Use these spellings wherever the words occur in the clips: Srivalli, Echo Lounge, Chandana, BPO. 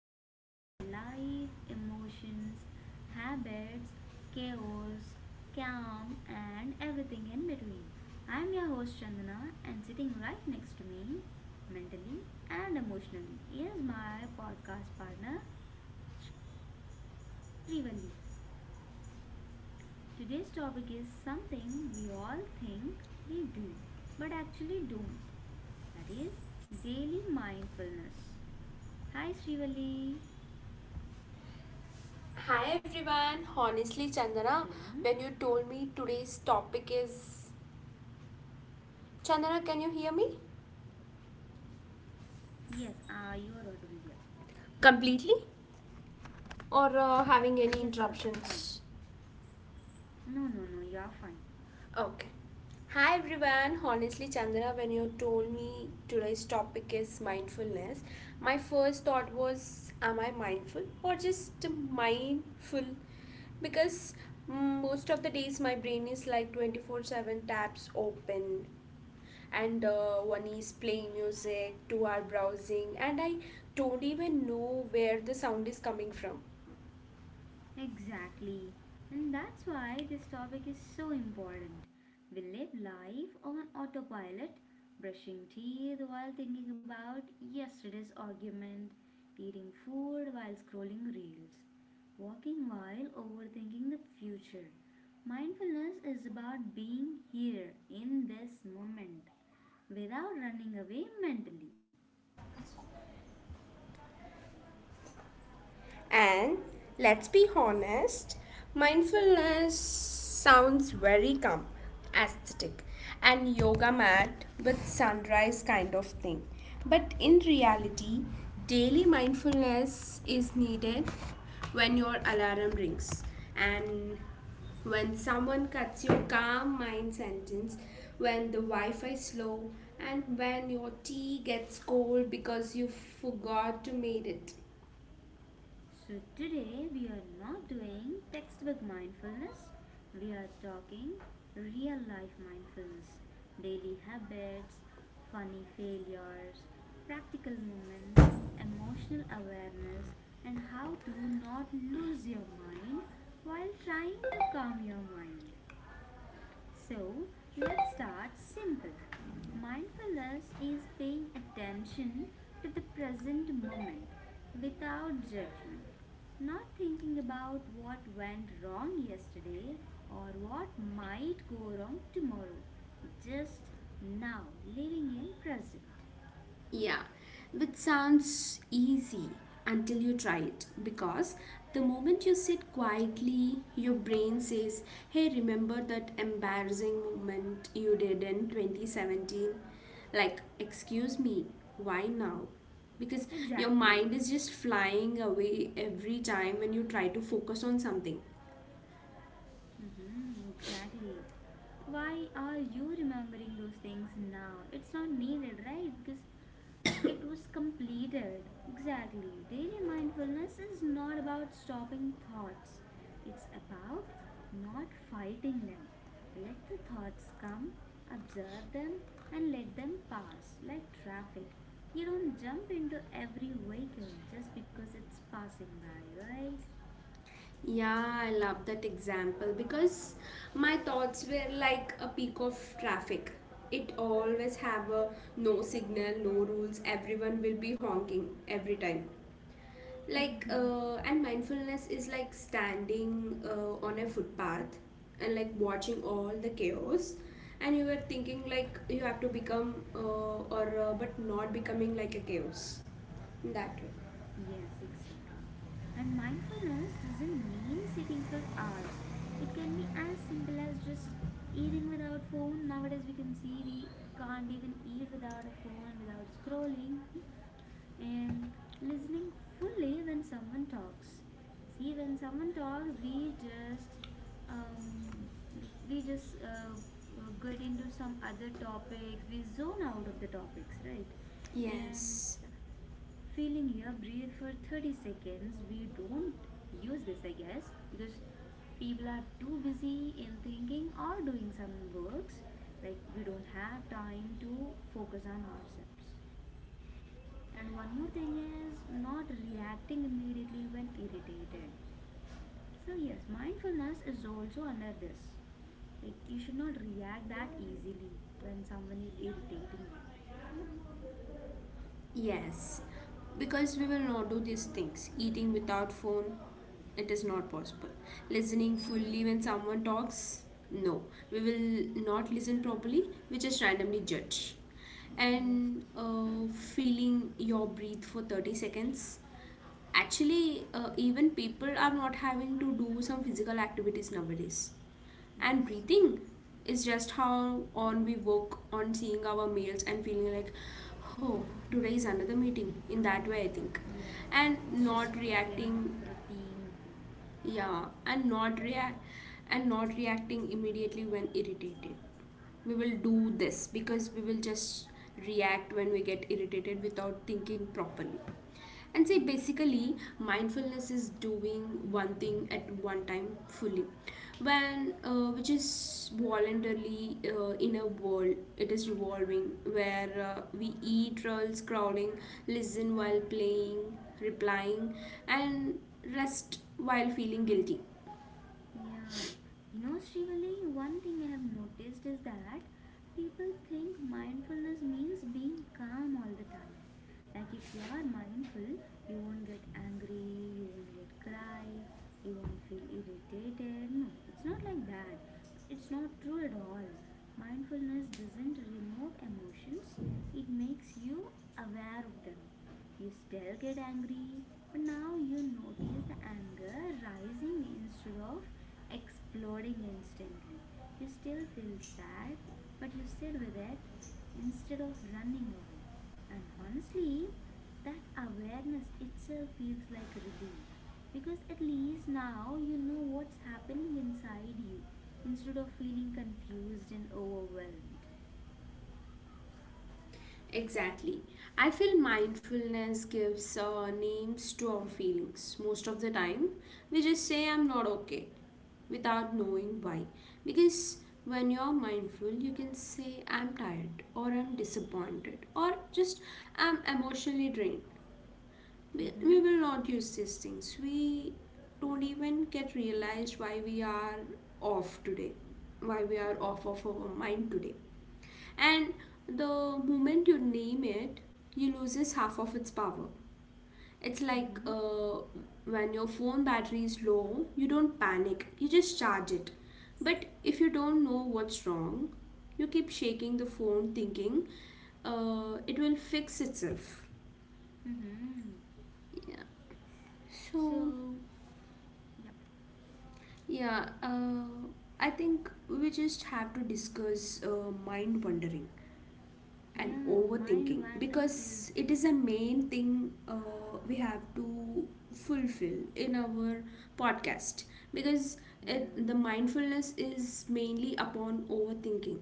we talk about life, emotions, habits, chaos, calm, and everything in between. I'm your host Chandana, and sitting right next to me, mentally and emotionally, is my podcast partner Srivalli. Today's topic is something we all think we do but actually don't, that is daily mindfulness. Hi Srivalli. Hi everyone. Honestly, Chandana, Hello. when you told me today's topic is... Chandana, can you hear me? Yes, you are audible. Yeah. Completely? Or having Yes, any you are fine. interruptions? No, no, no, you are fine. Okay. Hi everyone. Honestly, Chandana, when you told me today's topic is mindfulness, my first thought was, am I mindful or just mindful? Because most of the days my brain is like 24/7 tabs open and one is playing music, two are browsing, and I don't even know where the sound is coming from. Exactly. And that's why this topic is so important. We live life on autopilot, brushing teeth while thinking about yesterday's argument, eating food while scrolling reels, walking while overthinking the future. Mindfulness is about being here in this moment without running away mentally. And let's be honest, mindfulness sounds very calm, aesthetic, and yoga mat with sunrise kind of thing. But in reality, daily mindfulness is needed when your alarm rings and when someone cuts your calm mind sentence, when the Wi Fi slow, and when your tea gets cold because you forgot to make it. So, today we are not doing textbook mindfulness, we are talking real life mindfulness, daily habits, funny failures, practical moments, emotional awareness, and how to not lose your mind while trying to calm your mind. So let's start simple. Mindfulness is paying attention to the present moment without judgment, not thinking about what went wrong yesterday or what might go wrong tomorrow, just now living in present. Yeah, which sounds easy until you try it because the moment you sit quietly, your brain says, "Hey, remember that embarrassing moment you did in 2017?" Like, excuse me, why now? Because your Exactly. mind is just flying away every time when you try to focus on something. Mm-hmm, exactly. Why are you remembering those things now? It's not needed, right? Because it was completed. Exactly. Daily mindfulness is not about stopping thoughts, it's about not fighting them. Let the thoughts come, observe them, and let them pass like traffic. You don't jump into every vehicle just because it's passing by, right? Yeah, I love that example because my thoughts were like a peak of traffic. It always have a no signal, no rules, everyone will be honking every time. And mindfulness is like standing on a footpath and like watching all the chaos and you were thinking like you have to become or but not becoming like a chaos in that way. Yes, exactly. And mindfulness doesn't mean sitting for hours. It can be as simple as just eating without phone. Nowadays, we can see we can't even eat without a phone, without scrolling, and listening fully when someone talks. See, when someone talks, we just um, like we just uh, get into some other topics. We zone out of the topics, right? Yes. And feeling here breathe for 30 seconds, we don't use this, I guess, because people are too busy in thinking or doing some works, like we don't have time to focus on ourselves. And one more thing is not reacting immediately when irritated. So yes, mindfulness is also under this, like you should not react that easily when someone is irritating you. Yep. Yes, because we will not do these things. Eating without phone, it is not possible. Listening fully when someone talks, no. We will not listen properly, we just randomly judge. And Yes. Feeling your breath for 30 seconds. Actually, even people are not having to do some physical activities nowadays and Yes. breathing is just how on we work on seeing our mails and feeling like, oh, today is another meeting in that way I think. Yeah. And It not just reacting, became a routine thing. yeah, and not reacting immediately when irritated, we will do this because we will just react when we get irritated without thinking properly. And say Yeah. basically, mindfulness is doing one thing at one time fully, when which is voluntarily in a world it is revolving where we eat while scrolling, listen while playing, replying, and rest while feeling guilty. Yeah. You know, Srivali, one thing I have noticed is that people think mindfulness means being calm all the time. Like if you are mindful, you won't get angry, you won't get cry, you won't feel irritated. No, it's not like that. It's not true at all. Mindfulness doesn't remove emotions, it makes you aware of them. You still get angry, but now you notice the anger rising instead of exploding instantly. You still feel sad, but you sit with it instead of running away. And honestly, that awareness itself feels like relief because at least now you know what's happening inside you instead of feeling confused and overwhelmed. Exactly. I feel mindfulness gives names to our feelings most of the time. We just say, "I'm not okay," without knowing why. Because when you're mindful, you can say, "I'm tired," or "I'm disappointed," or just "I'm emotionally drained." We Mm-hmm. will not use these things. We don't even get realized why we are off today, why we are off Exactly. of our mind today. And the moment you name it, you loses half of its power. It's like Mm-hmm. When your phone battery is low, you don't panic, you just charge it. But if you don't know what's wrong, you keep shaking the phone thinking it will fix itself. Mm-hmm. Yeah. So, So, yep, yeah, I think we just have to discuss mind wandering and yeah, mind overthinking wandering is, because it is a main thing we have to fulfill in our podcast, because it, the yeah. mindfulness is mainly upon overthinking.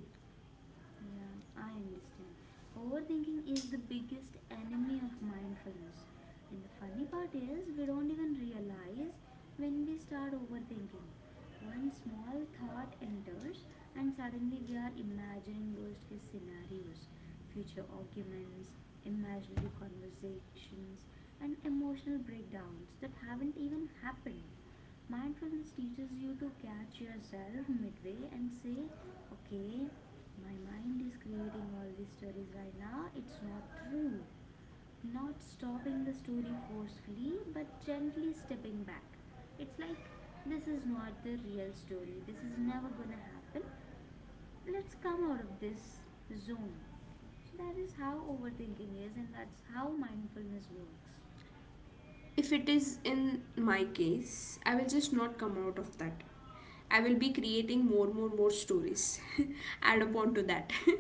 Yeah, I understand. Overthinking is the biggest enemy of mindfulness. And the funny part is, we don't even realize when we start overthinking. One small thought enters, and suddenly we are imagining worst case scenarios, future arguments, imaginary conversations, and emotional breakdowns that haven't even happened. Mindfulness teaches you to catch yourself midway and say, okay, my mind is creating all these stories right now. It's not true. Not stopping the story forcefully, but gently stepping back. It's like this is not the real story. This is never gonna happen. Let's come out of this zone. So that is how overthinking is, and that's how mindfulness works. If it is in my case, I will just not come out of that. I will be creating more stories, add upon to that.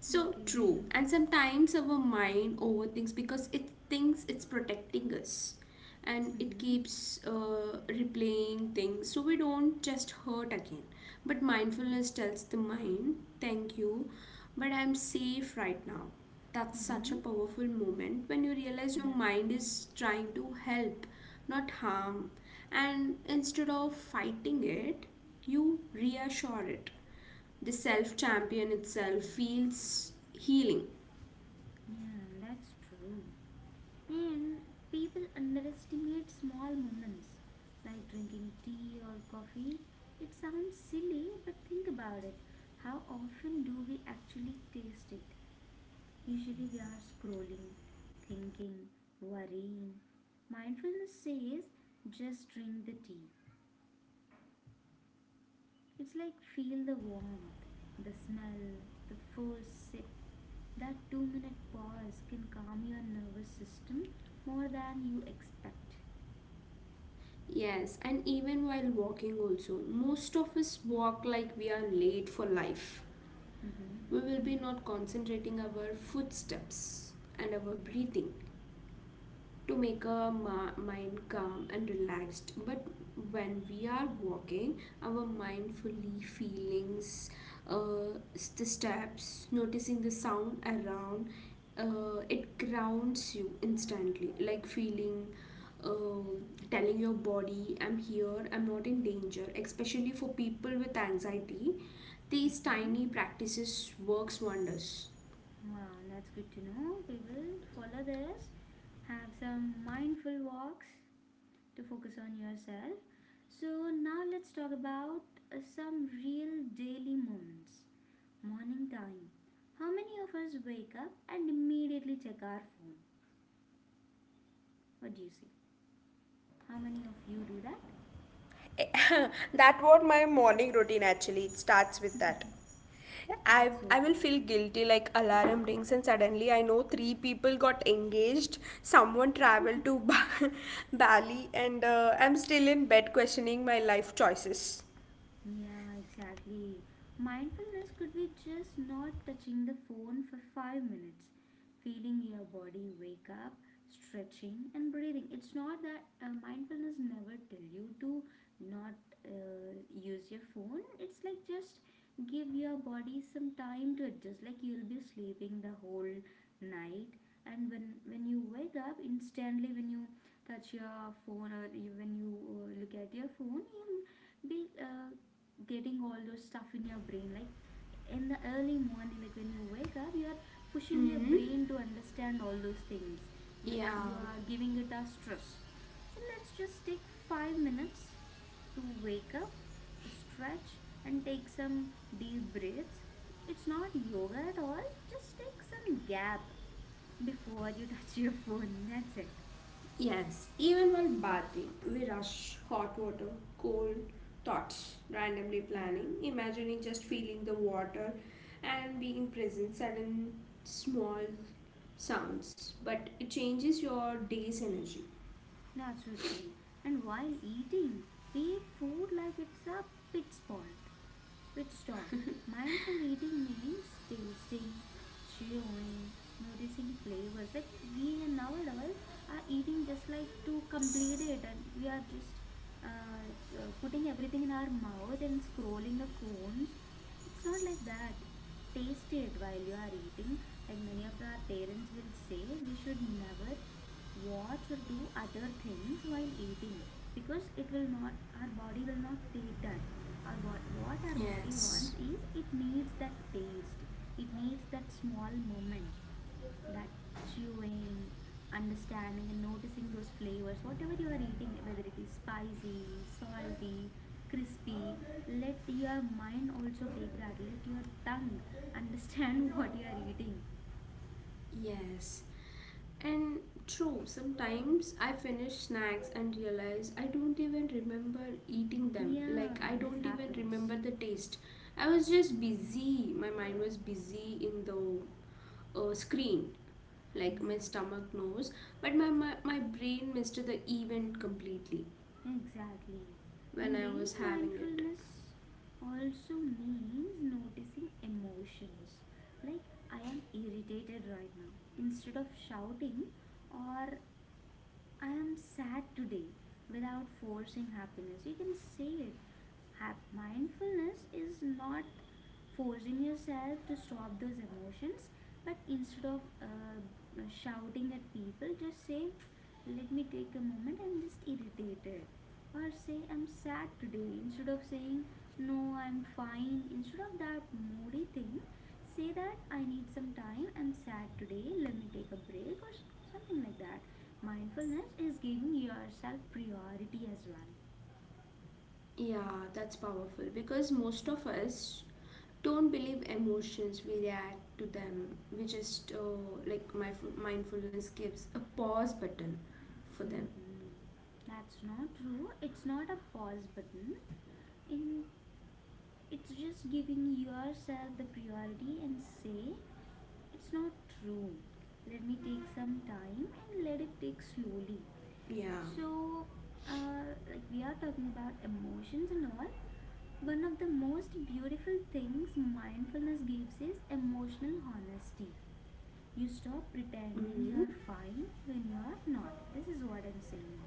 So true. Okay. And sometimes our mind overthinks because it thinks it's protecting us and it Mhm. keeps replaying things so we don't just hurt again. But mindfulness tells the mind, thank you, but I'm safe right now. That's such a Mhm. powerful moment when you realize your Yeah. mind is trying to help, not harm. And instead of fighting it, you reassure it. The self champion itself feels healing. Yeah, that's true. And people underestimate small moments like drinking tea or coffee. It sounds silly, but think about it. How often do we actually taste it? Usually we are scrolling, thinking, worrying. Mindfulness says just drink the tea. It's like feel the warmth, the smell, the first sip. That 2 minute pause can calm your nervous system more than you expect. Yes, and even while walking, also, most of us walk like we are late for life. Mhm. We will be not concentrating our footsteps and our Yeah. breathing to make our mind calm and relaxed. But when we are walking, our mindfully feelings, the steps, noticing the sound around, it grounds you instantly. Like feeling, uh, telling your body, "I'm here. I'm not in danger." Especially for people with anxiety, these Mm-hmm. tiny practices works wonders. Wow, that's good to know. We will follow this. Have some mindful walks to focus on yourself. So, now let's talk about some real daily moments. Morning time. How many of us wake up and immediately check our phone? What do you say? How many of you do that? That what my morning routine actually it starts with that. I, That's so I will true. feel guilty like alarm rings and suddenly I know three people got engaged, someone traveled to Bali and I'm still in bed questioning my life choices. Yeah, exactly. Mindfulness could be just not touching the phone for 5 minutes, feeling your body wake up, stretching, and breathing. It's not that mindfulness never tell you to not use your phone. It's like just give your body some time to adjust. Like you'll be sleeping the whole night, and when you wake up instantly, when you touch your phone or you, when you look at your phone, you'll be getting all those stuff in your brain, like in the early morning, like when you wake up you are pushing your Hmm. brain to understand all those things, like Yeah. you are giving it a stress. So let's just take 5 minutes to wake up, to stretch and take some deep breaths. It's not yoga at all, just take some gap before you touch your phone, that's it. Yes, even while bathing, we rush hot water, cold thoughts, randomly planning, Yeah, imagining just feeling the water and being present, sudden small sounds, but it changes your day's energy. that's so true. And while eating, we eat food like it's a pit spot pit stop. Mindful eating means tasting, chewing, noticing flavors. Like we nowadays are eating just like to complete it, and we are just uh, putting everything in our mouth and scrolling the phones. It's not like that. Taste it while you are eating. Like many of our parents will say, we should never watch or do other things while eating because it will not, our body will not take that. Our what our body Yes, wants is, it needs that taste, it needs that small moment, that chewing, understanding and noticing those flavors, whatever you are eating, whether it is spicy, salty, crispy. Let your mind also take that, let your tongue understand what you are eating. yes, and true, sometimes I finish snacks and realize I don't even remember eating them, Yeah, like, I this don't even happens. remember the taste. I was just busy. My mind was busy in the screen. Like my Yeah. stomach knows, but my brain missed the event completely Exactly. when And I daily was having it. mindfulness also means noticing emotions. Like, I am irritated right now. Instead of shouting, or I am sad today without forcing happiness. You can say it. Mindfulness is not forcing yourself to stop those emotions, but instead of shouting at people, just say, let me take a moment, I'm just irritated. Or say, I'm sad today. Instead of saying, no, I'm fine. Instead of that moody thing, say that I need some time, I'm sad today, let me take a break, or something like that. Mindfulness is giving yourself priority as well. Yeah, that's powerful because most of us don't believe emotions, we react to them. We just like my mindfulness gives a pause button for them. Hmm. That's not true. It's not a pause button. In, it's just giving yourself the priority and say it's not true. Let me take some time and let it take slowly. Yeah. So, like we are talking about emotions and all. One of the most beautiful things mindfulness gives is emotional honesty. You stop pretending you Mm-hmm. are fine when you are not. This is what I'm saying.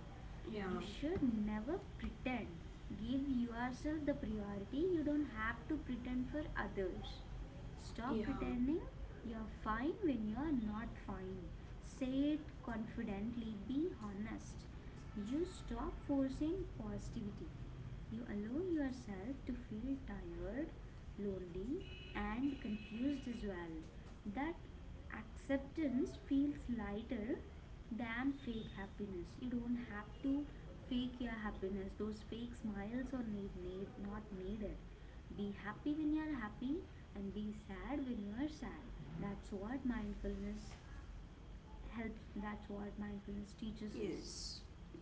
Yeah. You should never pretend. Give yourself the priority. You don't have to pretend for others. Stop Yeah. pretending you're fine when you're not fine. Say it confidently. Be honest. You stop forcing positivity. You allow yourself to feel tired, lonely, and confused as well. That acceptance feels lighter than fake happiness. You don't have to fake your happiness, those fake smiles are need not needed. Be happy when you're happy and be sad when you're sad. That's what mindfulness helps, that's what mindfulness teaches us. Yes,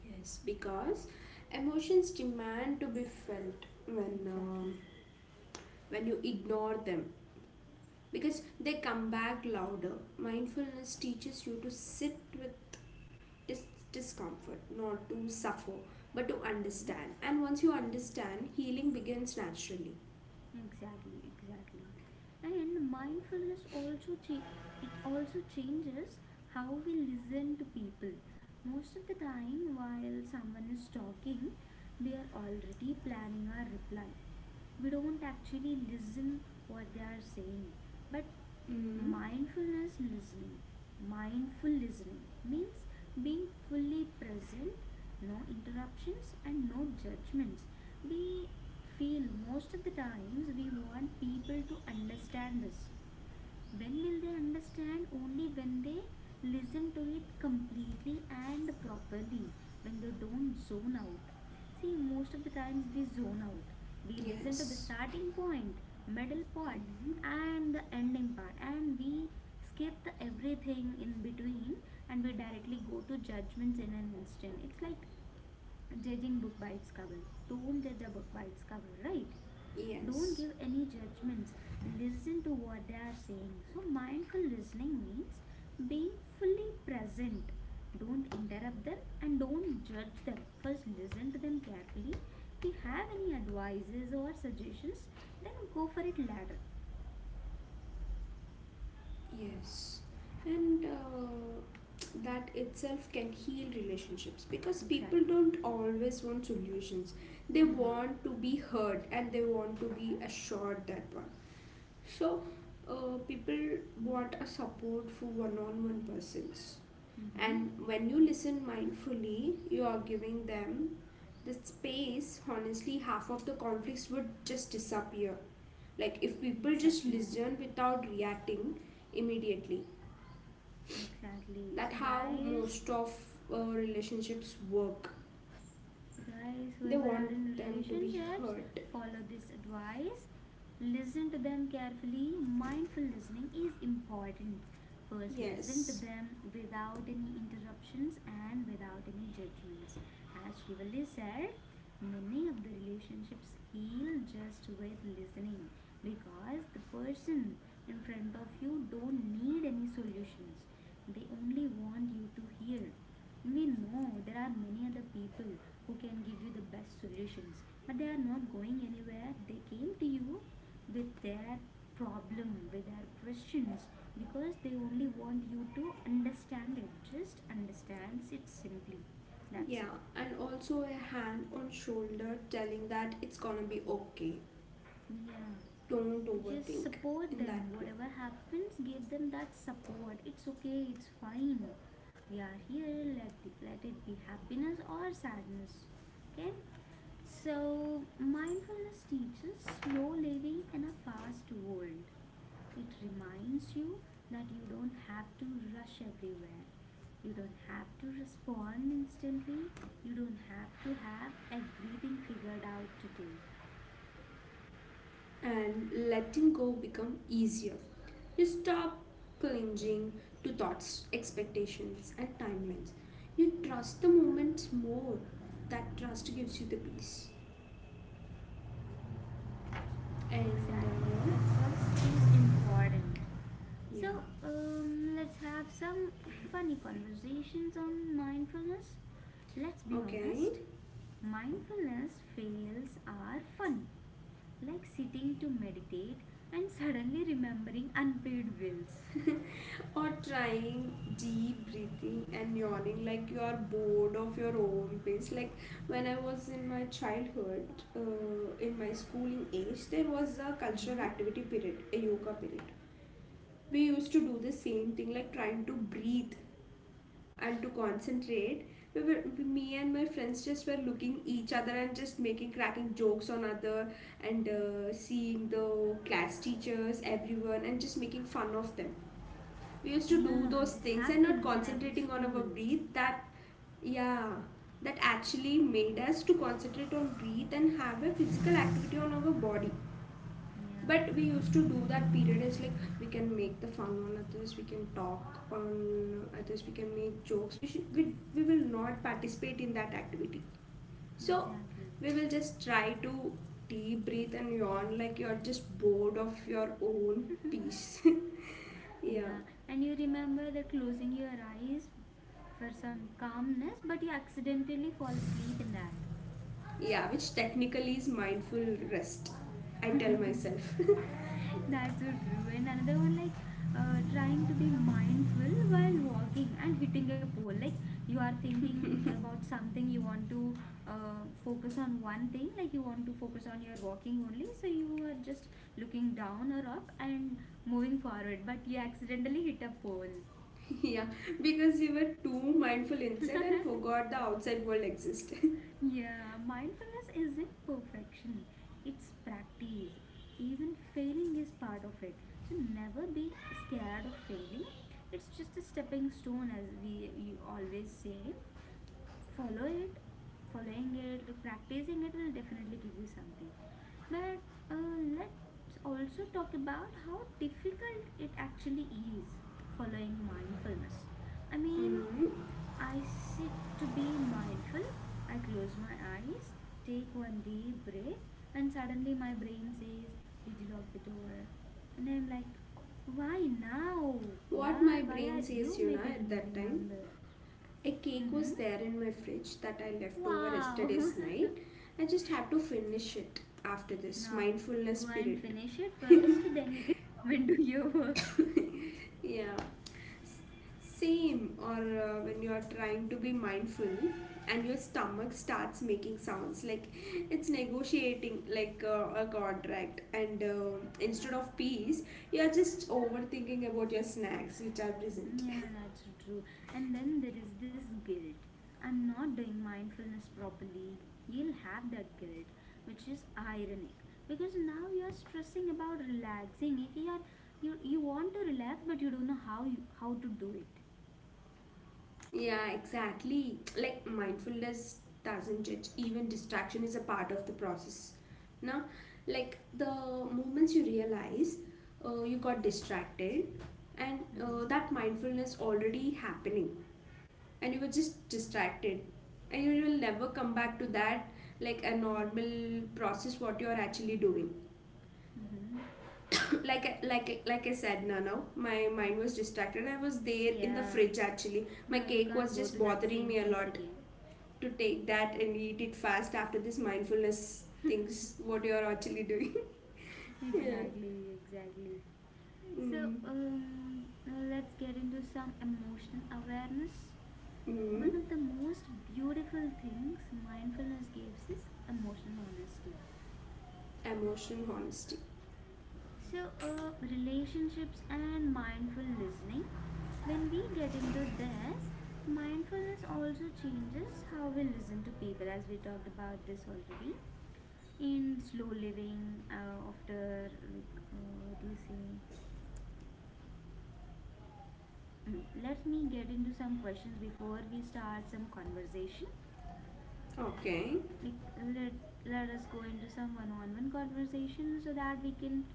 yes, because emotions demand to be felt when um Exactly. when you ignore them, because they come back louder. Mindfulness teaches you to sit with discomfort, not to suffer, but to Mhm. understand. And once you understand, healing begins naturally. Exactly, exactly. And mindfulness also it also changes how we listen to people. Most of the time while someone is talking, we are already planning our reply. We don't actually listen what they are saying, but Mm. mindfulness listening, mindful listening means being fully present, no interruptions and no judgments. We feel most of the times we want people to understand us. When will they understand? Only when they listen to it completely and properly, when they don't zone out. See, most of the times we zone out. We listen to the Yes. starting point, middle part, Mm. and the ending part, and we skip the everything in between and we directly go to judgments in an instant. It's like judging book by its cover. Don't judge a book by its cover, right? Don't Yes. give any judgments. Listen to what they are saying. So, mindful listening means being fully present. Don't interrupt them and don't judge them. First, listen to them carefully. If you have any advices or suggestions, then go for it later. Yes. And that itself can heal relationships because people Exactly. don't always want solutions. They Mm-hmm. want to be heard and they want to be assured that one. So, people want a support for one on one persons. Mm-hmm. And when you listen mindfully, you are giving them the space. Honestly, half of the conflicts would just disappear, like, if people just Exactly. listen without reacting immediately. Exactly. That So, how guys, most of relationships work. They whoever are in want them to be relationships, heard. follow this advice. Listen to them carefully. Mindful listening is important. First, listen to Yes. them without any interruptions and without any judgments. As Shivali said, many of the relationships heal just with listening, because the person in front of you don't need any solutions. They only want you to hear. We know there are many other people who can give you the best solutions, but they are not going anywhere. They came to you with their problem, with their questions, because they only want you to understand it. Just understand it simply. That's it. Yeah, and also a hand on shoulder telling that it's gonna be okay. Yeah. Don't Just overthink support in that them. way. Whatever happens, give them that support. It's okay, it's fine. We are here, let be, let it be happiness or sadness. Okay? So, mindfulness teaches slow living in a fast world. It reminds you that you don't have to rush everywhere. You don't have to respond instantly. You don't have to have everything figured out today. And letting go become easier. You stop clinging to thoughts, expectations and timelines. You trust the moment more. That trust gives you the peace. And Exactly, that trust is important. yeah. So, let's have some funny conversations on mindfulness. Let's be Okay. honest, mindfulness fails are funny. Like sitting to meditate and suddenly remembering unpaid bills. Or trying deep breathing and yawning like you are bored of your own pace. Like when I was in my childhood, in my schooling age, there was a cultural Mhm. activity period, a yoga period. We used to do the same thing, like trying to breathe and to concentrate. We were, me and my friends just were looking each other and just making cracking jokes on other and seeing the class teachers, everyone, and just making fun of them. We used to do Yeah, those this things and not happens in every concentrating on our school. breath that. Yeah, that actually made us to concentrate on breathe and have a physical activity on our body. Yeah, But we used to do that period is like we can make the fun on others, we can talk on others, we can make jokes, we will not participate in that activity. So exactly. we will just try to deep breathe and yawn like you're just bored of your own peace. Yeah. Yeah, and you remember that closing your eyes for some calmness, but you accidentally fall asleep in that. Yeah, which technically is mindful rest. I tell myself. That's so true. And another one, like trying to be mindful while walking and hitting a pole. Like, you are thinking about something, you want to focus on one thing, like you want to focus on your walking only. So you are just looking down or up and moving forward, but you accidentally hit a pole. Yeah, because you were too mindful inside and forgot the outside world existed. Yeah, mindfulness isn't perfection, it's practice. Even failing is part of it. So never be scared of failing. It's just a stepping stone, as we you always say. Follow it, following it, like, practicing it will definitely give you something. But let's also talk about how difficult it actually is following mindfulness. I mean, Mm. I sit to be mindful. I close my eyes, take one deep breath, and suddenly my brain says, "Did you lock the door?" And I'm like, "Why now?" What Yeah, my why brain are says, you you know, making at me that time. remember? A cake Mm-hmm. was there in my fridge that I left over Wow. yesterday's night. I just have to finish it after this Now mindfulness go and spirit. finish it first, then you can come and do your work. Yeah. S- same or when you are trying to be mindful and your stomach starts making sounds like it's negotiating like a contract, and instead of peace you are just overthinking about your snacks which are present. Yeah, that's true. And then there is this guilt. I'm not doing mindfulness properly. You'll have that guilt, which is ironic because now you're stressing about relaxing. Like, You want to relax, but you don't know how how to do it. Yeah, exactly. Like mindfulness doesn't judge, even distraction is a part of the process. Now, like the moments you realize you got distracted, and Mm-hmm. that mindfulness already happening, and you were just distracted, and you will never come back to that like a normal process what you are actually doing. Mm-hmm. Like I said, Nano, my mind was distracted. I was there in the Yeah. fridge actually. My Now you cake can't was go to just that bothering same me a piece lot again. to take that and eat it fast after this mindfulness things what you're actually doing. Yeah. Exactly. Exactly. So Mm. Let's get into some emotional awareness. One Mm. of the most beautiful things mindfulness gives is emotional honesty. Emotion honesty. So, relationships and mindful listening, when we get into this, mindfulness also changes how we listen to people, as we talked about this already. In slow living, after, like, what do you say? Mm, let me get into some questions before we start some conversation. Okay. Like, let, let us go into some one-on-one conversation so that we can,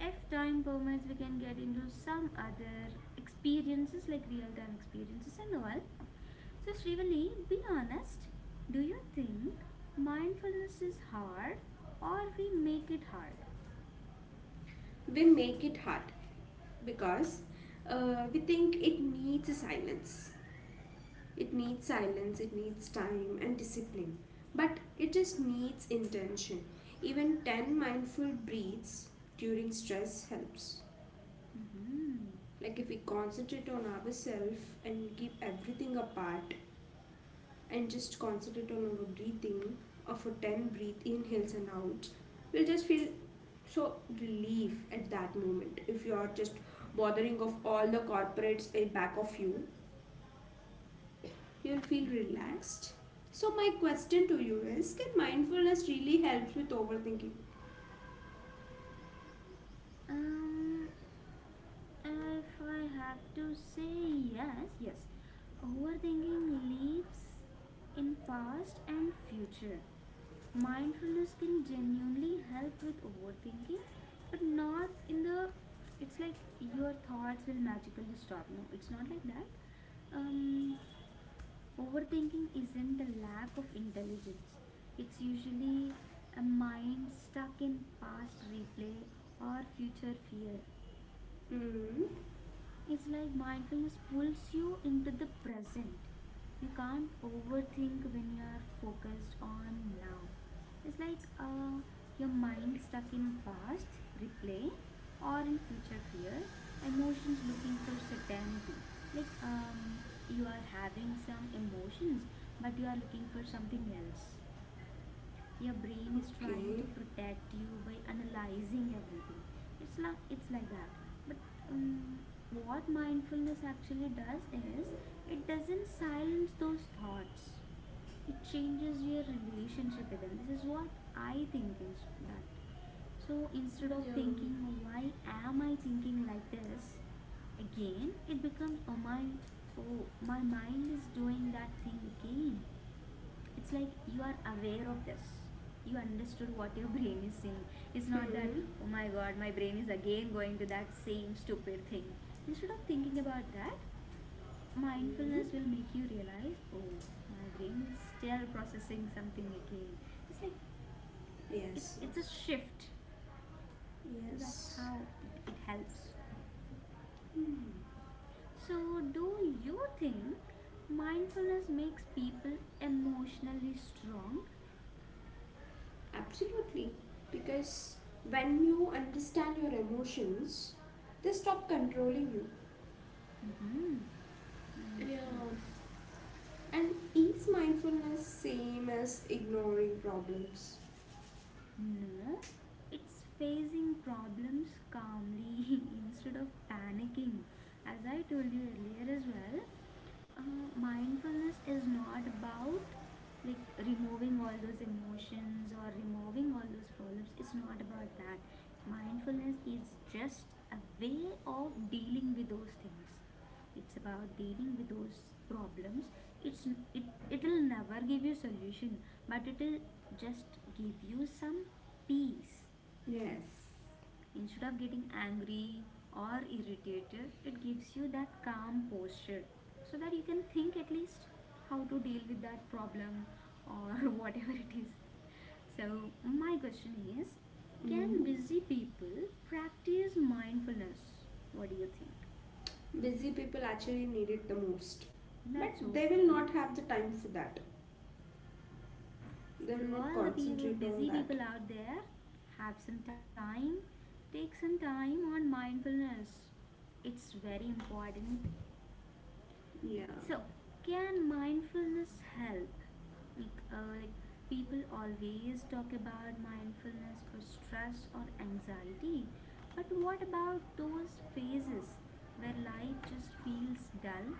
if time permits, we can get into some other experiences, like real-time experiences and all. So, Srivali, be honest, do you think mindfulness is hard, or we make it hard? We make it hard because we think it needs silence, it needs time and discipline, but it just needs intention. Even 10 mindful breaths during stress helps. Mm-hmm. Like if we concentrate on ourselves and keep everything apart and just concentrate on our breathing of a 10 breath inhales and outs, we'll just feel so relief at that moment. If you are just bothering of all the corporates in back of you, you'll feel Okay. relaxed. So my question to you is, can mindfulness really helps with overthinking? um if I have to say, yes, yes, overthinking lives in past and future. Mindfulness can genuinely help with overthinking, but not in the, it's like your thoughts will magically stop. No, it's not like that. um, Overthinking isn't a lack of intelligence, it's usually a mind stuck in past replay or future fear. Hmm. It's like mindfulness pulls you into the present. You can't overthink when you are focused on now. It's like your mind stuck in past replay or in future fear, emotions looking for certainty. Like you are having some emotions, but you are looking for something else. Your brain is trying to Okay. protect you by analyzing everything. It's like that. But um, what mindfulness actually does is it doesn't silence those thoughts, it changes your relationship with them. This is what I think in that. So, instead of Yeah. thinking, "Why am I thinking like this again?", it becomes, "Oh my, oh my mind is doing that thing again." It's like you are aware of this, you understood what your brain is saying. It's not that, Hmm. "Oh my god, my brain is again going to that same stupid thing." Instead of thinking about that, Hmm. mindfulness will make you realize, "Oh, my brain is still processing something again." It's like, it's Yes. Yes. it's a shift. So that's Yes. how it helps. Hmm, So, do you think mindfulness makes people emotionally strong? Absolutely. Because when you understand your emotions, they stop controlling you. Mm-hmm. Nice, Yeah. nice. And is mindfulness same as ignoring problems? No, it's facing problems calmly instead of panicking, as I told you earlier as well. Mindfulness is not about, like, removing all those emotions or removing all those problems. It's not about that. Mindfulness is just a way of dealing with those things. It's about dealing with those problems. It's, it, it'll never give you solution, but it'll just give you some peace. Yes. Instead of getting angry or irritated, it gives you that calm posture so that you can think at least how to deal with that problem or whatever it is. So, my question is, can Hmm. busy people practice mindfulness? What do you think? Busy people actually need it the most. But That's so they will true. not have the time for that. They So, will not all the people, concentrate on busy that. people out there, have some time, take some time on mindfulness. It's very important. Yeah. So, can mindfulness help? Like, like, people always talk about mindfulness for stress or anxiety, but what about those phases where life just feels dull?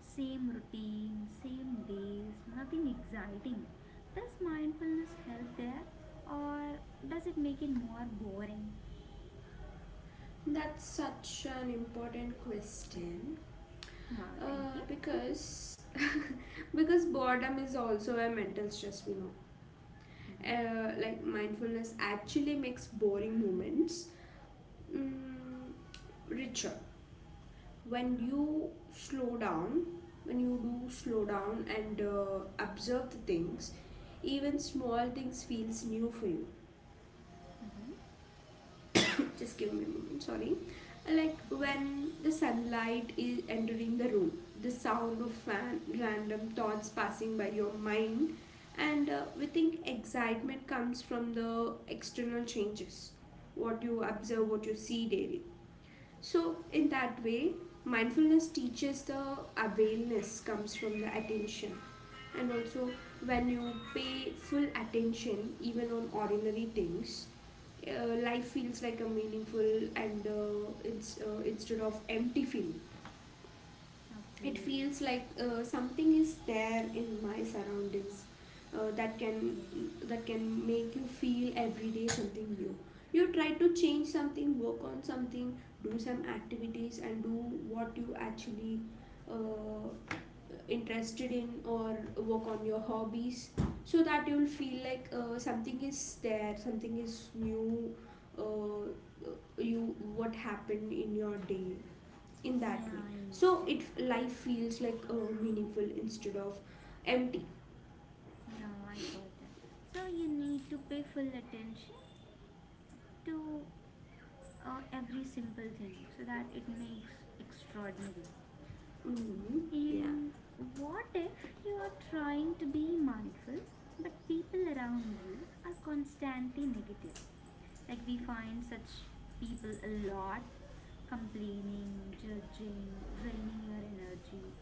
Same routine, same days, nothing exciting. Does mindfulness help there, or does it make it more boring? That's such an important question. Oh, thank you. Because because boredom is also a mental stress we know. Mm-hmm. Like mindfulness actually makes boring moments mm, richer when you slow down when you do slow down and observe the things, even small things feels new for you. Mm-hmm. Just give me a moment, sorry. Like Okay. when the sunlight is entering the room, the sound of fan, random thoughts passing by your mind. And we think excitement comes from the external changes, what you Mm-hmm. observe, what you see daily. So, in that way, mindfulness teaches the awareness comes from the attention. And also, when you pay full attention, even on ordinary things, life feels like a meaningful, and it's instead of empty feeling, it Okay. feels like something is there in my surroundings, that can Okay. Make you feel every day something new. You try to change something, work on something, do some activities, and do what you actually uh, interested in, or work on your hobbies, so that you'll feel like something is there, something is new, uh, you what happened in your day, in that Yeah, way. I missed So it. it life feels like meaningful instead of empty. Yeah, I got that. So you need to pay full attention to every simple thing so that it makes extraordinary. Hmm. Yeah. And what if you are trying to be mindful but people around you are constantly negative? Like, we find such people a lot complaining, judging, draining your energy.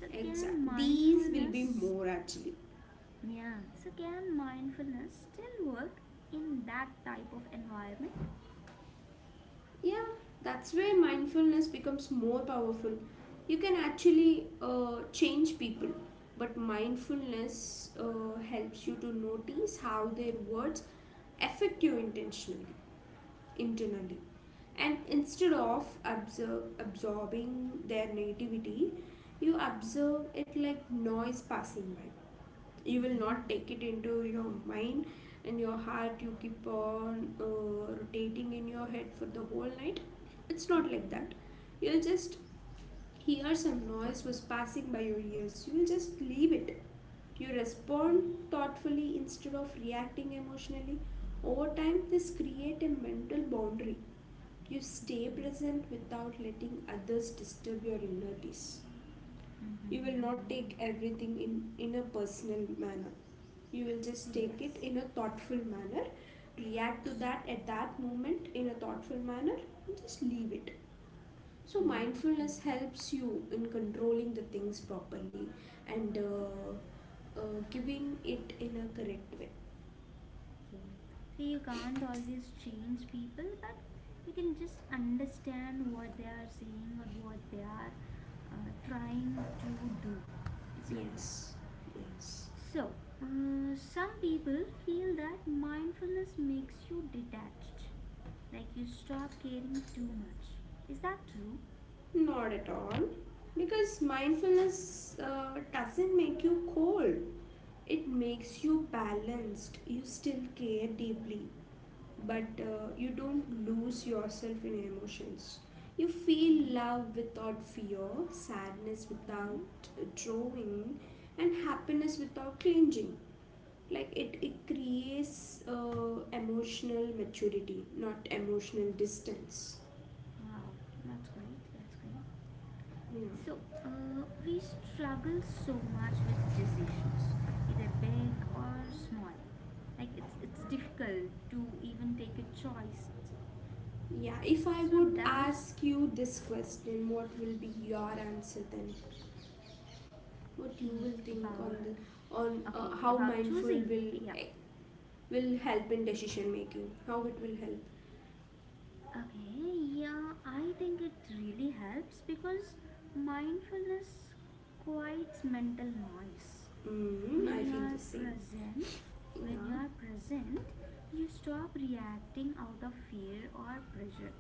So can Exactly. These will be mindfulness, more actually. yeah, so can mindfulness still work in that type of environment? Yeah, that's where mindfulness becomes more powerful. You can actually change people, but mindfulness helps you to notice how their words affect you intentionally, internally. And instead of absorbing their negativity, you observe it like noise passing by. You will not Mm-hmm. take it into your mind and your heart. You keep on rotating in your head for the whole night. It's not like Okay, that. You'll just hear some noise was passing by your ears, you'll just leave it. You okay, respond thoughtfully instead of reacting emotionally. Over time, this create a mental boundary. You stay okay. present without letting others disturb your inner peace. Mm-hmm, You will not take mm-hmm. everything in a personal manner. You will So, just take it yes. in a thoughtful manner, react to that at that moment in a thoughtful manner, and just leave it. So, Yeah, mindfulness okay. helps you in controlling the things properly and Yeah, uh, giving it in a correct way. okay. So, you can't always change people, but you can just understand what they are saying or what they are trying to do. It's like that. Yes, yes. So, some people feel that mindfulness makes you detached. Like, you stop caring too much. Is that true? Not at all. Because mindfulness doesn't make you cold. It makes you balanced. You still care deeply, but you don't lose yourself in emotions. You feel Hmm. love without fear, sadness Okay. without drawing, and happiness without clinging. Like it creates emotional maturity, not emotional distance. Wow. That's great. That's great. So, Yeah. We struggle so much with decisions, either big or small. Like, it's difficult to even take a choice. Yeah, if So I would does, ask you this question, what will be your answer then? What you think will think on about, okay, how about mindful choosing. Yeah. eh, will help in decision making, how it will help. Okay. Yeah. I think it really helps because mindfulness quiets mental noise. When I you feel the are same. present when you Yeah. are present you stop reacting out of fear or pressure.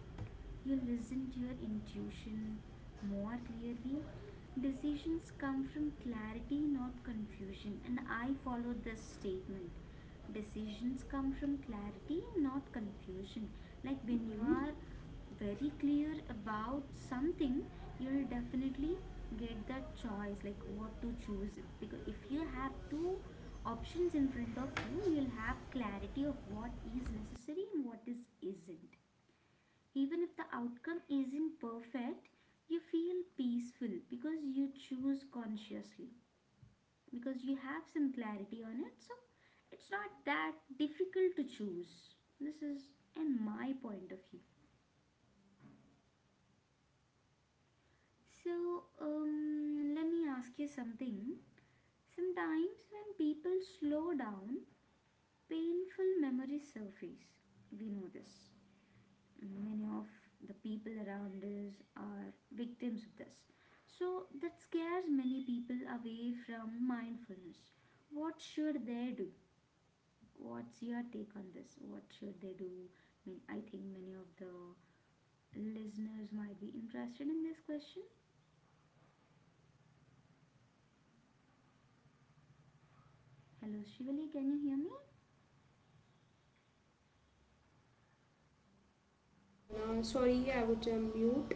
You listen to your intuition more clearly. Decisions come from clarity, not confusion, and I follow this statement. Decisions come from clarity, not confusion. Like, when you Mm. are very clear about something, you'll definitely get that choice, like what to choose. Because if you have two options in front of you, you'll have clarity of what is necessary and what is isn't. Even if the outcome isn't perfect, you feel peaceful because you choose consciously, because you have some clarity on it. So it's not that difficult to choose. This is in my point of view. So let me ask you something. Sometimes when people slow down, painful memories surface. We know this. Many of the people around us are victims of this. So that scares many people away from mindfulness. What should they do? What's your take on this? What should they do? I mean, I think many of the listeners might be interested in this question. Hello, Shivali, can you hear me? And then, sorry, I was on mute.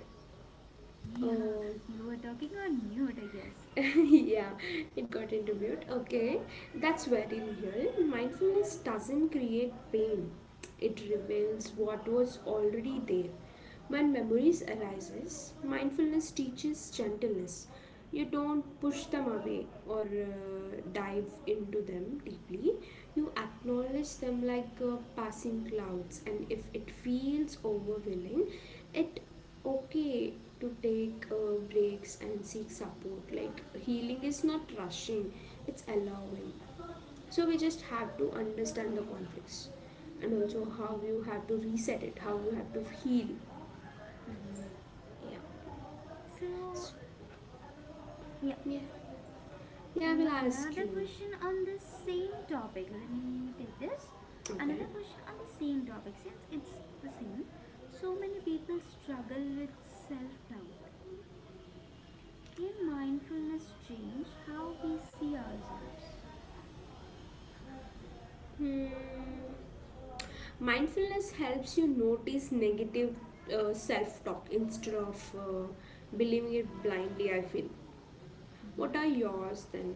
Yeah, uh, you were talking on mute, I guess. yeah, it got interviewed. Okay, that's very real. Mindfulness doesn't create pain. It reveals Mm-hmm. what was already there. When memories arises, mindfulness teaches gentleness. You don't push them away or dive into them deeply. You acknowledge them like passing clouds, and if it feels overwhelming, it okay to take breaks and seek support. Like healing is not rushing, it's allowing. So we just have to understand the conflicts, and also how Okay. you have to reset it, how you have to heal. Mm-hmm. Yeah. So, So, yeah, yeah. Yeah, I will ask another you. question on the same topic. Let me take this. Okay. Another question on the same topic since it's the same. So many people struggle with self doubt. Can mindfulness change how we see ourselves? Hmm. Mindfulness helps you notice negative, self talk instead of believing it blindly, I feel. What are Hmm. yours then?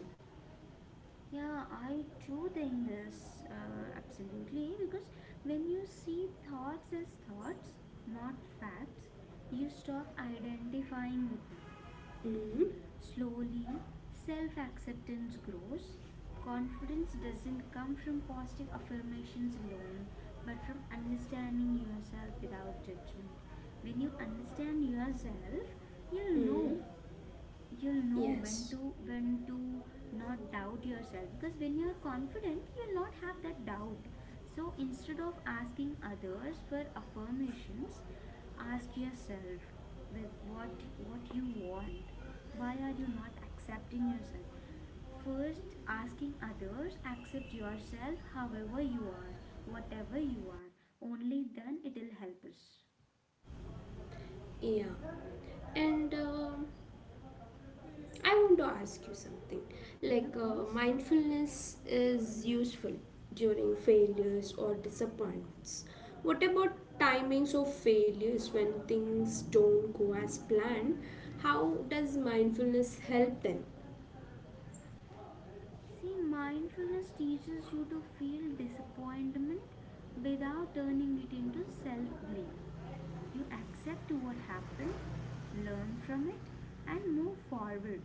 Yeah, I do think this absolutely, because when you see thoughts as thoughts, not facts, you stop identifying with them. Mm-hmm. Slowly, self acceptance grows. Confidence doesn't come from positive affirmations alone, but from understanding yourself without judgment. When you understand yourself, you'll know, you'll know when Yes, to, when to not doubt yourself, because when you're confident you'll not have that doubt. So instead of asking others for affirmations, ask yourself with what you want, why are you not accepting yourself. First asking others, accept yourself however you are, whatever you are, only then it'll help us. yeah. And I want to ask you something. Yeah, Like, please. mindfulness is useful during failures or disappointments. What about timings of failures when things don't go as planned? How does mindfulness help then? See, mindfulness teaches you to feel disappointment without turning it into self blame. You accept what happened, learn from it, and move forward.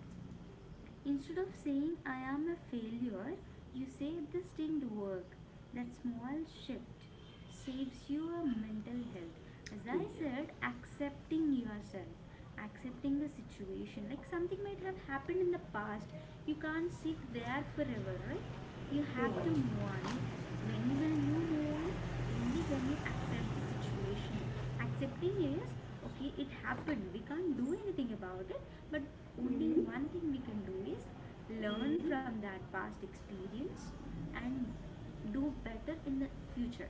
Instead of saying, "I am a failure," you say, "This didn't work." That small shift saves you a mental health. As I Yeah. said, accepting yourself, accepting the situation. Like, something might have happened in the past. You can't sit there forever, right? You have to move Yeah. on. You When will you move on? Only when you accept the situation. Accepting is, okay, it happened, we can't do anything about it, but only Mm-hmm. one thing we can do is learn Mm-hmm. from that past experience and do better in the future.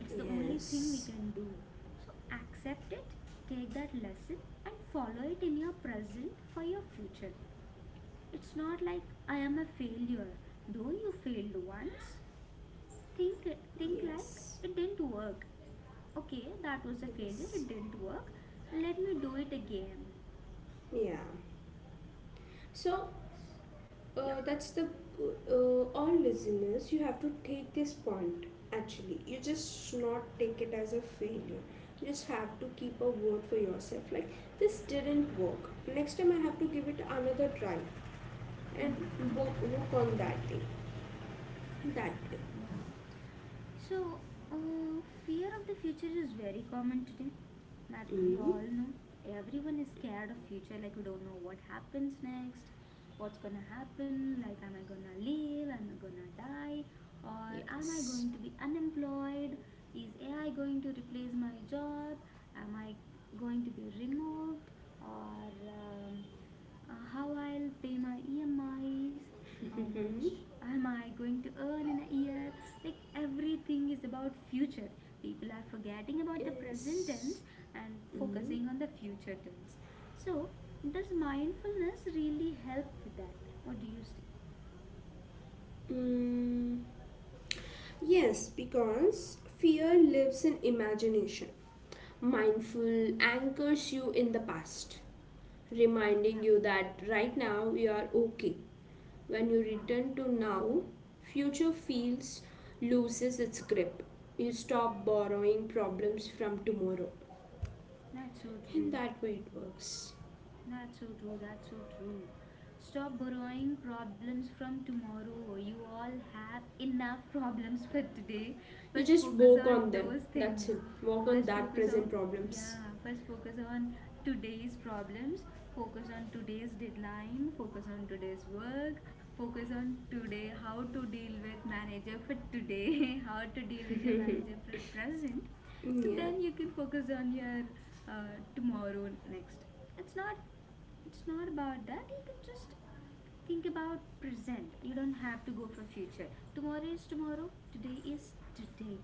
It's the only thing we Yes. can do. So accept it, take that lesson, and follow it in your present for your future. It's not like I am a failure, though you failed once. Think think like Yes. it didn't work. Okay, that was a failure, Yes. it didn't work. Let me do it again. Yeah. So, Yeah. That's the all listeners, you have to take this point. Actually, you just should not take it as a failure. You just have to keep a word for yourself, like, this didn't work, next time I have to give it another try, and Hmm. work on that thing, that way. Yeah. So, fear of the future is very common today. That we Mm. all know. Everyone is scared of future. Like we don't know what happens next, what's gonna happen. Like, am I gonna live? Am I gonna die? Or am I Yes. going to be unemployed? Is AI going to replace my job? Am I going to be removed? Or how I'll pay my EMIs? How much Mhm. am I going to earn in a year? Like everything is about future. People are forgetting about the present Yes. tense and Mm. focusing on the future tense. So does mindfulness really help with that? What do you say? Mm. Yes, because fear lives in imagination. Mindful anchors you in the past, Yeah, reminding you that right now you are okay. When you yeah, return to now, future feels, loses its grip. You stop borrowing problems from tomorrow. that's so In true. that way, it works. That's so true. That's so true. Stop borrowing problems from tomorrow. You all have enough problems for today. You First, just focus work on on them. those That's things. it. Work on First, that focus present on, problems. yeah. First, focus on today's problems. Focus on today's deadline. Focus on today's work. Focus on today. How to deal with manager for today. How to deal with your Yeah. manager for present. So then you can focus on your tomorrow next. It's not it's not about that, you can just think about present, you don't have to go for future. Tomorrow is tomorrow, today is today.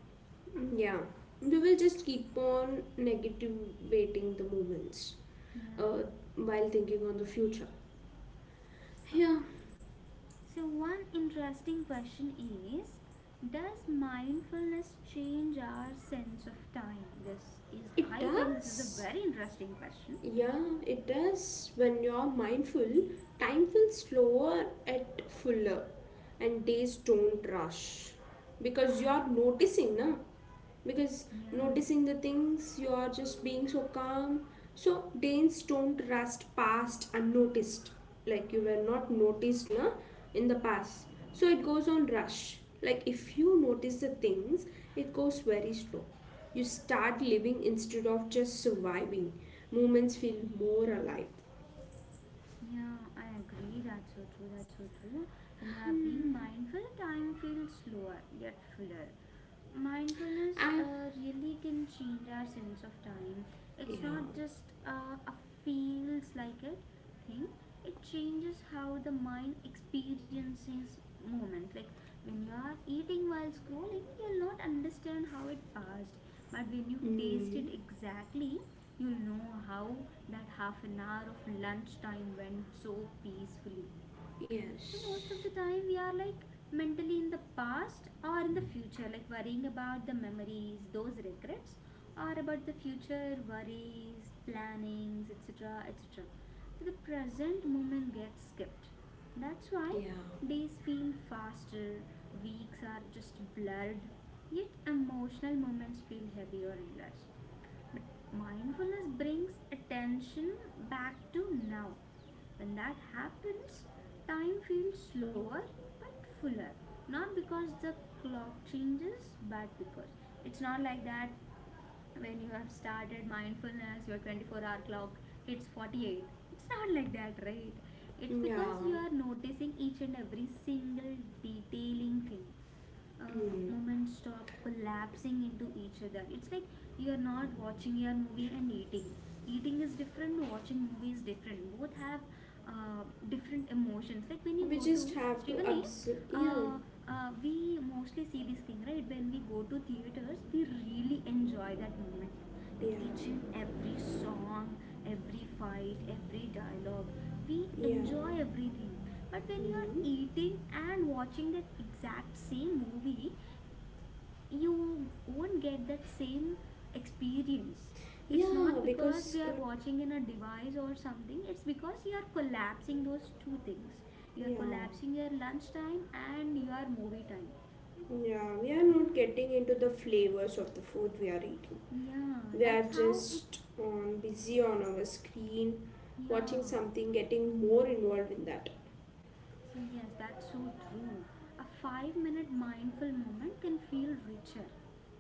Yeah. We will just keep on negative weighting the moments, Yeah. uh, while thinking on the future. Uh, Yeah, so, one interesting question is, does mindfulness change our sense of time? this is it i think this is a does. very interesting question. Yeah, it does. When you're mindful, time feels slower at fuller, and days don't rush because you're noticing, na? Because Yeah, noticing the things, you are just being so calm, so danes don't rust past unnoticed, like you were not noticed na, in the past, so it goes on rush. Like if you notice the things, it goes very slow. You start living instead of just surviving. Moments feel more alive. yeah, I agree, that's so true. That's so true. When you are being mindful, time feels slower yet fuller. Mindfulness And really can change our sense of time. It's yeah. not just a feels like it thing. It changes how the mind experiences moment. Like when you are eating while scrolling, you'll not understand how it passed. But when you taste it Mm. exactly, you'll know how that half an hour of lunchtime went so peacefully. So Yes. most of the time we are like mentally in the past or in the future, like worrying about the memories, those regrets, or about the future worries, plannings, etc. etc. So the present moment gets skipped. That's why Yeah. days feel faster, weeks are just blurred, yet emotional moments feel heavier and less. But mindfulness brings attention back to now. When that happens, time feels slower but fuller. Not because the clock changes, but because it's not like that when you have started mindfulness, your 24-hour clock hits 48. It's not like that, right? It's Yeah. because you are noticing each and every single detailing thing. Mm. Moments stop collapsing into each other. It's like you're not watching your movie and eating. Eating is different, watching movie is different. Both have different emotions. Like when you We go to just have to Srivali, observe, yeah. uh, we mostly see this thing, right? When we go to theaters, we really enjoy that moment, like Yeah, each and every song, every fight, every dialogue, we yeah, enjoy everything. But when you are hmm. eating and watching that exact same movie, you won't get that same experience. It's Yeah, not because because, we are watching in a device or something, it's because you are collapsing those two things. You are yeah, collapsing your lunch time and your movie time. yeah, we are not getting into the flavors of the food we are eating. Yeah, We are that's how it. just on busy on our screen, Yeah. watching something, getting more involved in that. See, yes, that's so true. A 5 minute mindful moment can feel richer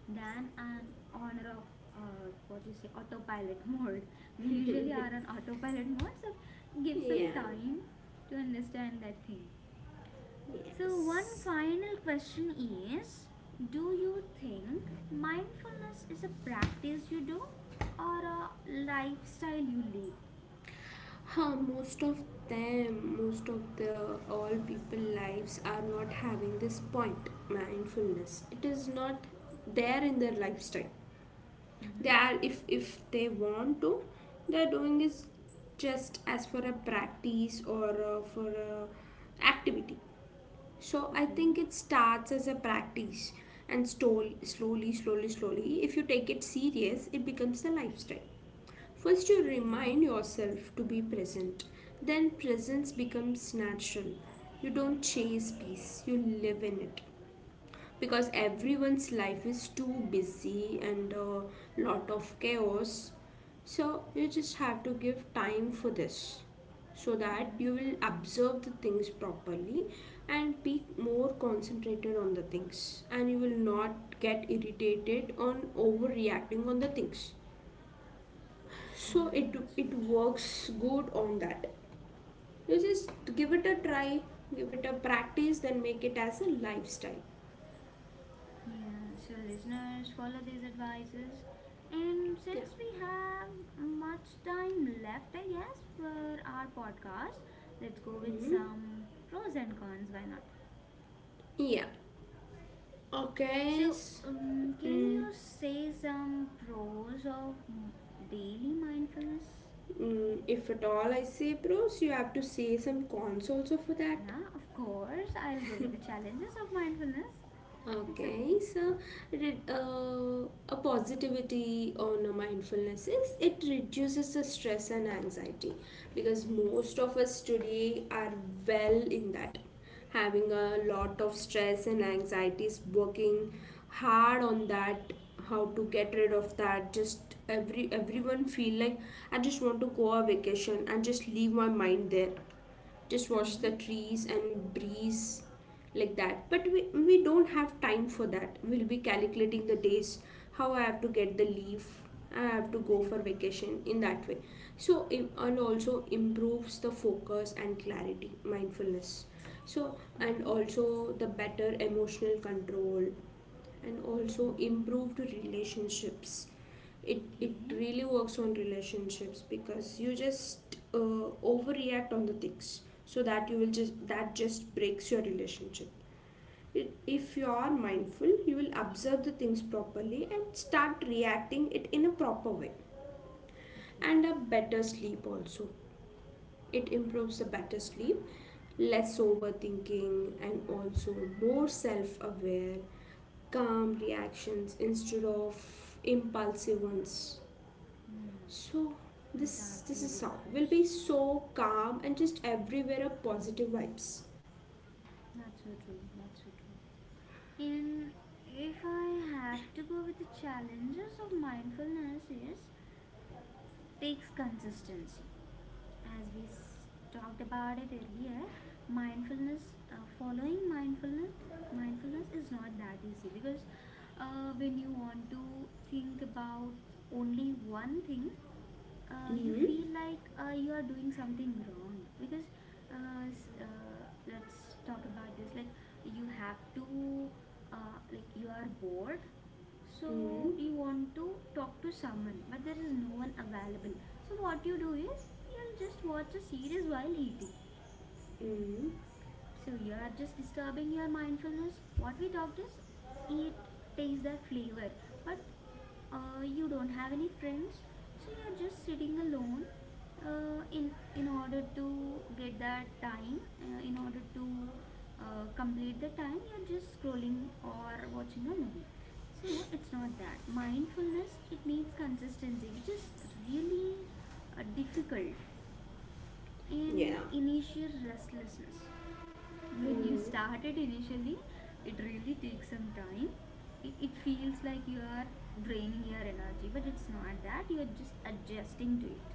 than an honor of, what you say, autopilot mode. We usually are on autopilot mode, so give some Yeah, time to understand that thing. So, one yes. final question is, do you think mindfulness is a practice you do or a lifestyle you live? Huh, most of the all people lives are not having this point mindfulness. It is not there in their lifestyle. They Mm-hmm. are, if they want to, they're doing is just as for a practice or for a activity. So I Okay, think it starts as a practice, and slowly slowly slowly, if you take it serious it becomes a lifestyle. First you okay. remind yourself to be present, then presence becomes natural. You don't chase peace, you live in it. Because Mm-hmm. everyone's life is too busy and a lot of chaos. So you just have to give time for this, so that Mm-hmm. you will observe the things properly and be more concentrated on the things, and you will not get irritated on overreacting on the things. So Yeah, it that's so it true. works good on that. You just give it a try, give it a practice, then make it as a lifestyle. Yeah, so listeners, follow these advices. And Yeah. since we have much time left, I guess, for our podcast, let's go with Hmm. some pros and cons. Why not? Yeah. Okay. So, can Mm, you say some pros of daily mindfulness? If at all I say pros, you have to say some cons also for that. Yeah, of course. I'll go with the challenges of mindfulness. It's Okay, okay. so a positivity on a mindfulness is, it reduces the stress and anxiety, because most of us today are, well, in that, having a lot of stress and anxieties, working hard on that, how to get rid of that. Just everyone feel like, I just want to go on vacation and just leave my mind there, just watch Mm-hmm. the trees and breeze, like that. But we don't have time for that, we'll be calculating the Yes, days, how I have to get the leave, I have to go for exactly. vacation, in that way. So and also improves the focus and clarity, mindfulness. So and Mm-hmm. also the better emotional control, and also Mm-hmm. improved relationships. It Okay. really works on relationships, because you just overreact on the things, so that you will just that just breaks your relationship. If you are mindful, you will observe the things properly and start reacting it in a proper way. And Okay. a better sleep also, it improves the better sleep, less overthinking, and also more self-aware, calm reactions instead of impulsive ones. Hmm. So Those are this is really the sound will be pros. so calm, and just everywhere a positive vibes. Not so true. Not so true. And if I have to go with the challenges of mindfulness, is, takes consistency. As we talked about it earlier, mindfulness, following mindfulness, mindfulness is not that easy because when you want to think about only one thing, you Mm, feel like you are doing something wrong because let's talk about this. Like you have to, like you are bored, mm, so you want to talk to someone but there is no one available. So what you do is, you'll just watch a series while eating. mm, So you are just disturbing your mindfulness. What we talked is, eat, taste that flavor. But you don't have any friends, so you're just sitting alone. In order to get that time, in order to complete the time, you're just scrolling or watching a movie. So it's not that mindfulness, it needs consistency which is really difficult. yeah. In initial restlessness, when you Mm, started initially, it really takes some time. It feels like you are draining your energy, but it's not that, you are just adjusting to it.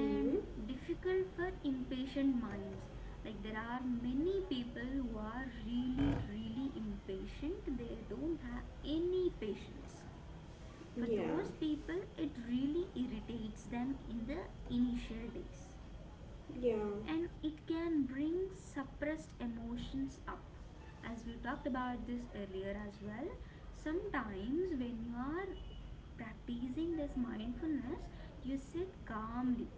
And difficult for impatient minds. Like there are many people who are really really impatient, they don't have any patience. For yeah. those people it really irritates them in the initial days. Yeah. And it can bring suppressed emotions up, as we talked about this earlier as well. Sometimes when you are practicing this mindfulness, you sit calmly,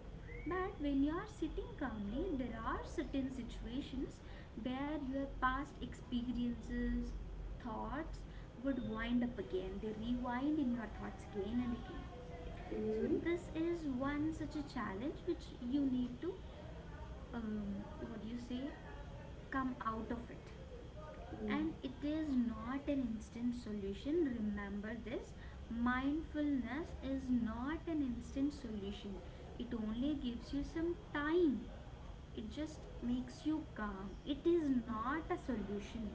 but when you are sitting calmly there are certain situations where your past experiences, thoughts, would wind up again. They rewind in your thoughts again and again. So Mm, this is one such a challenge which you need to, what do you say, come out of it. And it is not an instant solution. Remember this, mindfulness is not an instant solution, it only gives you some time. It just makes you calm. It is not a solution.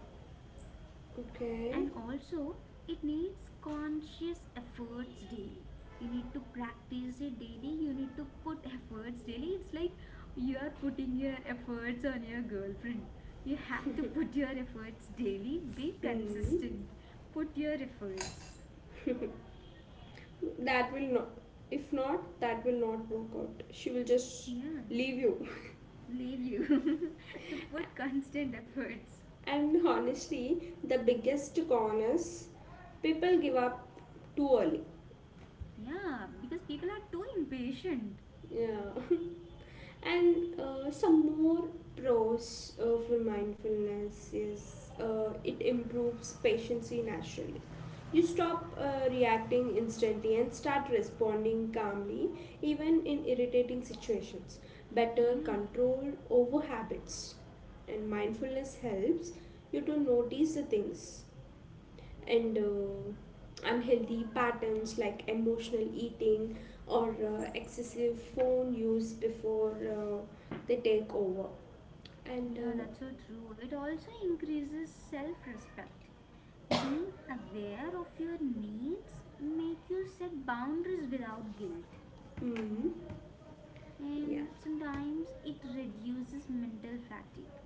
okay. And also it needs conscious efforts daily. You need to practice it daily, you need to put efforts daily. It's like you are putting your efforts on your girlfriend, you have to put your efforts daily, be Mm. consistent, put your efforts. That will not. If not, that will not work out. She will just Yeah, leave you. leave you so put constant efforts. And honestly, the biggest con is people give up too early. Yeah, because people are too impatient. Yeah. And some more pros for mindfulness is, it improves patience naturally. You stop reacting instantly and start responding calmly, even in irritating situations. Better Yeah. control over habits. And mindfulness helps you to notice the things, and unhealthy patterns like emotional eating, or excessive phone use before they take over. And Yeah, that's so true. It also increases self respect. Being aware of your needs make you set boundaries without guilt, mm, yeah, and sometimes it reduces mental fatigue.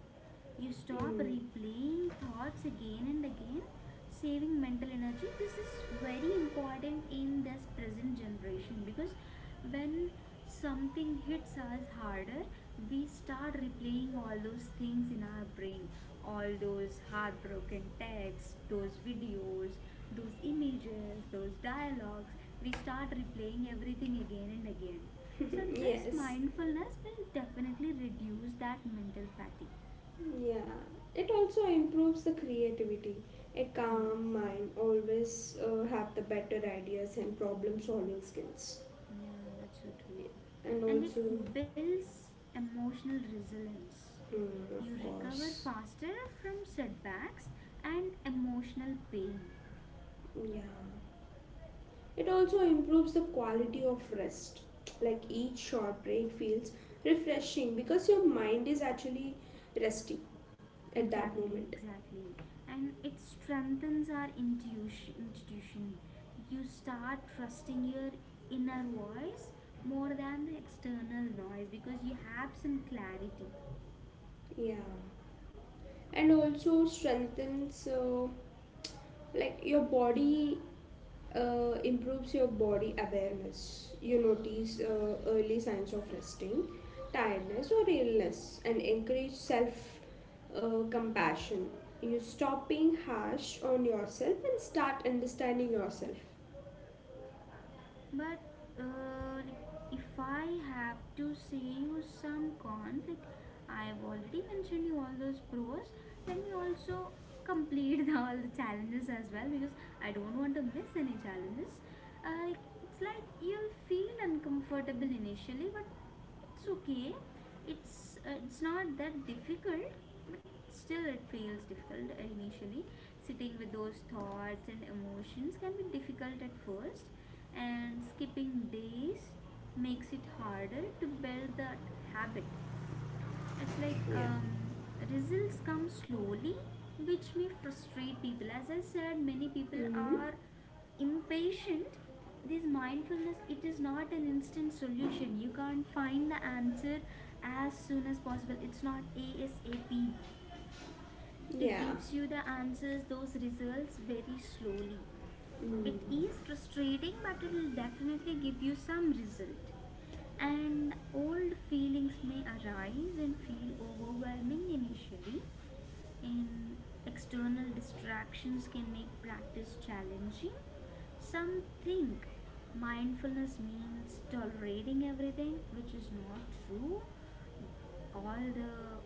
You stop mm, replaying thoughts again and again, saving mental energy. This is very important in this present generation because when something hits us harder, we start replaying all those things in our brain. All those heartbroken texts, those videos, those images, those dialogues, we start replaying everything again and again. So, this yes, mindfulness will definitely reduce that mental fatigue. yeah. It also improves the creativity. A Yes, calm mind always have the better ideas and problem solving skills. yeah, that's so true. And And it also, builds emotional resilience. Of You recover course, faster from setbacks and emotional pain. yeah. It also improves the quality of rest. Like each short break feels refreshing because your mind is actually resting at that Exactly, moment. exactly. And it strengthens our intuition. Intuition. You start trusting your inner voice more than the external noise because you have some clarity. Yeah. And also strengthens, like your body, improves your body awareness. You notice early signs of resting, tiredness, or illness, and encourage self compassion. You stop being harsh on yourself and start understanding yourself. But like if I have to say you some cons, like I've already mentioned you all those pros, let me also complete the, all the challenges as well because I don't want to miss any challenges. Like it's like you'll feel uncomfortable initially, but it's okay. It's not that difficult, but still it feels difficult initially. Sitting with those thoughts and emotions can be difficult at first. And skipping days makes it harder to build that habit. It's like Yeah. Results come slowly which may frustrate people. As I said, many people Hmm. are impatient. This mindfulness, it is not an instant solution. You can't find the answer as soon as possible, it's not ASAP. It Yeah. gives you the answers, those results very slowly. Mm. It is frustrating but it will definitely give you some result. And old feelings may arise and feel overwhelming initially. And external distractions can make practice challenging. Some think mindfulness means tolerating everything, which is not true. All the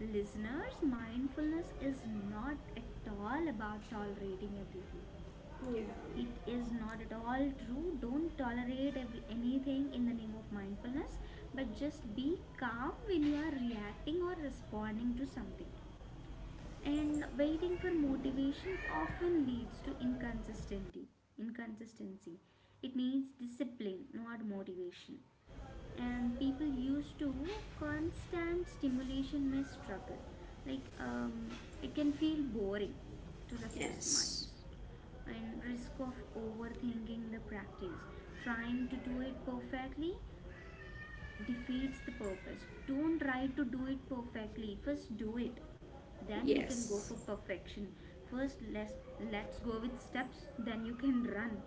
listeners, mindfulness is not at all about tolerating everything. Yeah. It is not at all true. Don't tolerate every, anything in the name of mindfulness, but just be calm when you are reacting or responding to something. And waiting for motivation often leads to inconsistency. Inconsistency, it needs discipline not motivation. And people used to constant stimulation may struggle. Like it can feel boring to restless Yes. minds. And risk of overthinking the practice, trying to do it perfectly defeats the purpose. Don't try to do it perfectly. First, do it. Then we can go Yes. for perfection. First, let's go with steps, then you can run.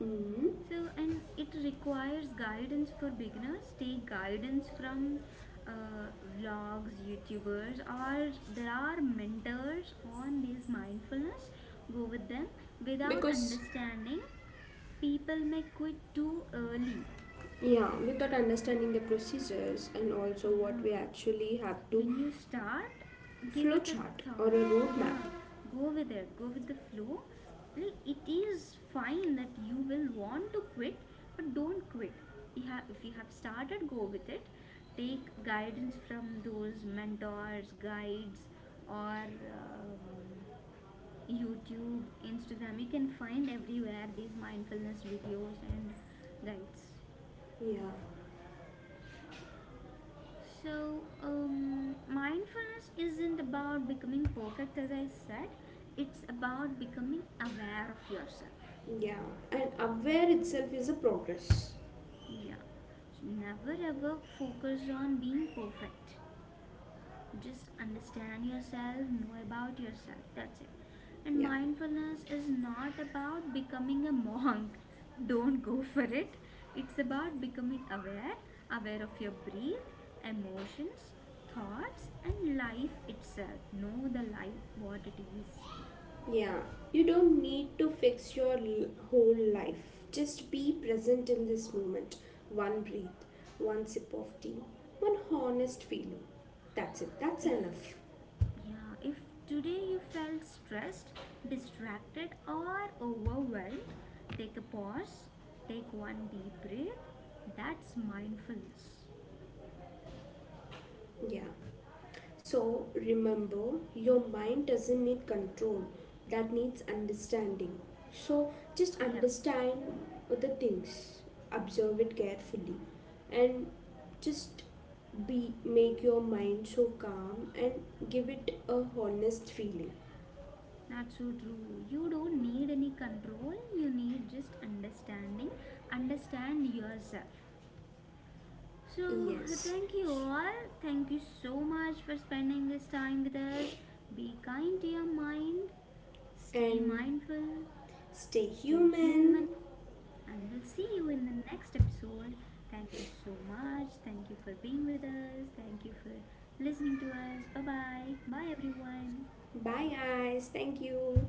Hmm. So, and it requires guidance for beginners. Take guidance from uh, vlogs, YouTubers, or there are mentors on this mindfulness. Go with them without Because understanding. People may quit too early. yeah, without understanding the procedures and also what we Yeah. actually have to, When you start, give it a flowchart or a thought. Yeah, roadmap. go with it, go with the flow. Like it is fine that you will want to quit, but don't quit. If you have started, go with it. Take guidance from those mentors, guides, or um, YouTube, Instagram. You can find everywhere these mindfulness videos and guides. Yeah, So, mindfulness isn't about becoming perfect, as I said, it's about becoming aware of yourself. yeah. And aware itself is a progress. Yeah. So, never ever focus on being perfect. Just understand yourself, know about yourself. That's it. And Yeah, mindfulness is not about becoming a monk. Don't go for it. It's about becoming aware, aware of your breath, emotions, thoughts, and life itself. Know the life, what it is. yeah. You don't need to fix your whole life. Just be present in this moment. One breath, one sip of tea, one honest feeling. That's it. That's If, enough. Yeah, if today you felt stressed, distracted, or overwhelmed, take a pause, take one deep breath. That's mindfulness. Yeah. So remember, your mind doesn't need control, that needs understanding. So just Yeah, understand the things, observe it carefully, and just be make your mind so calm, and give it a honest feeling. that's so true. You don't need any control, you need just understanding. Understand yourself. So, Yes, thank you all. Thank you so much for spending this time with us. Be kind to your mind, stay and mindful, stay stay human, human. and we'll see you in the next episode. Thank you so much. Thank you for being with us. Thank you for listening to us. Bye bye. Bye, everyone. Bye, guys. Thank you.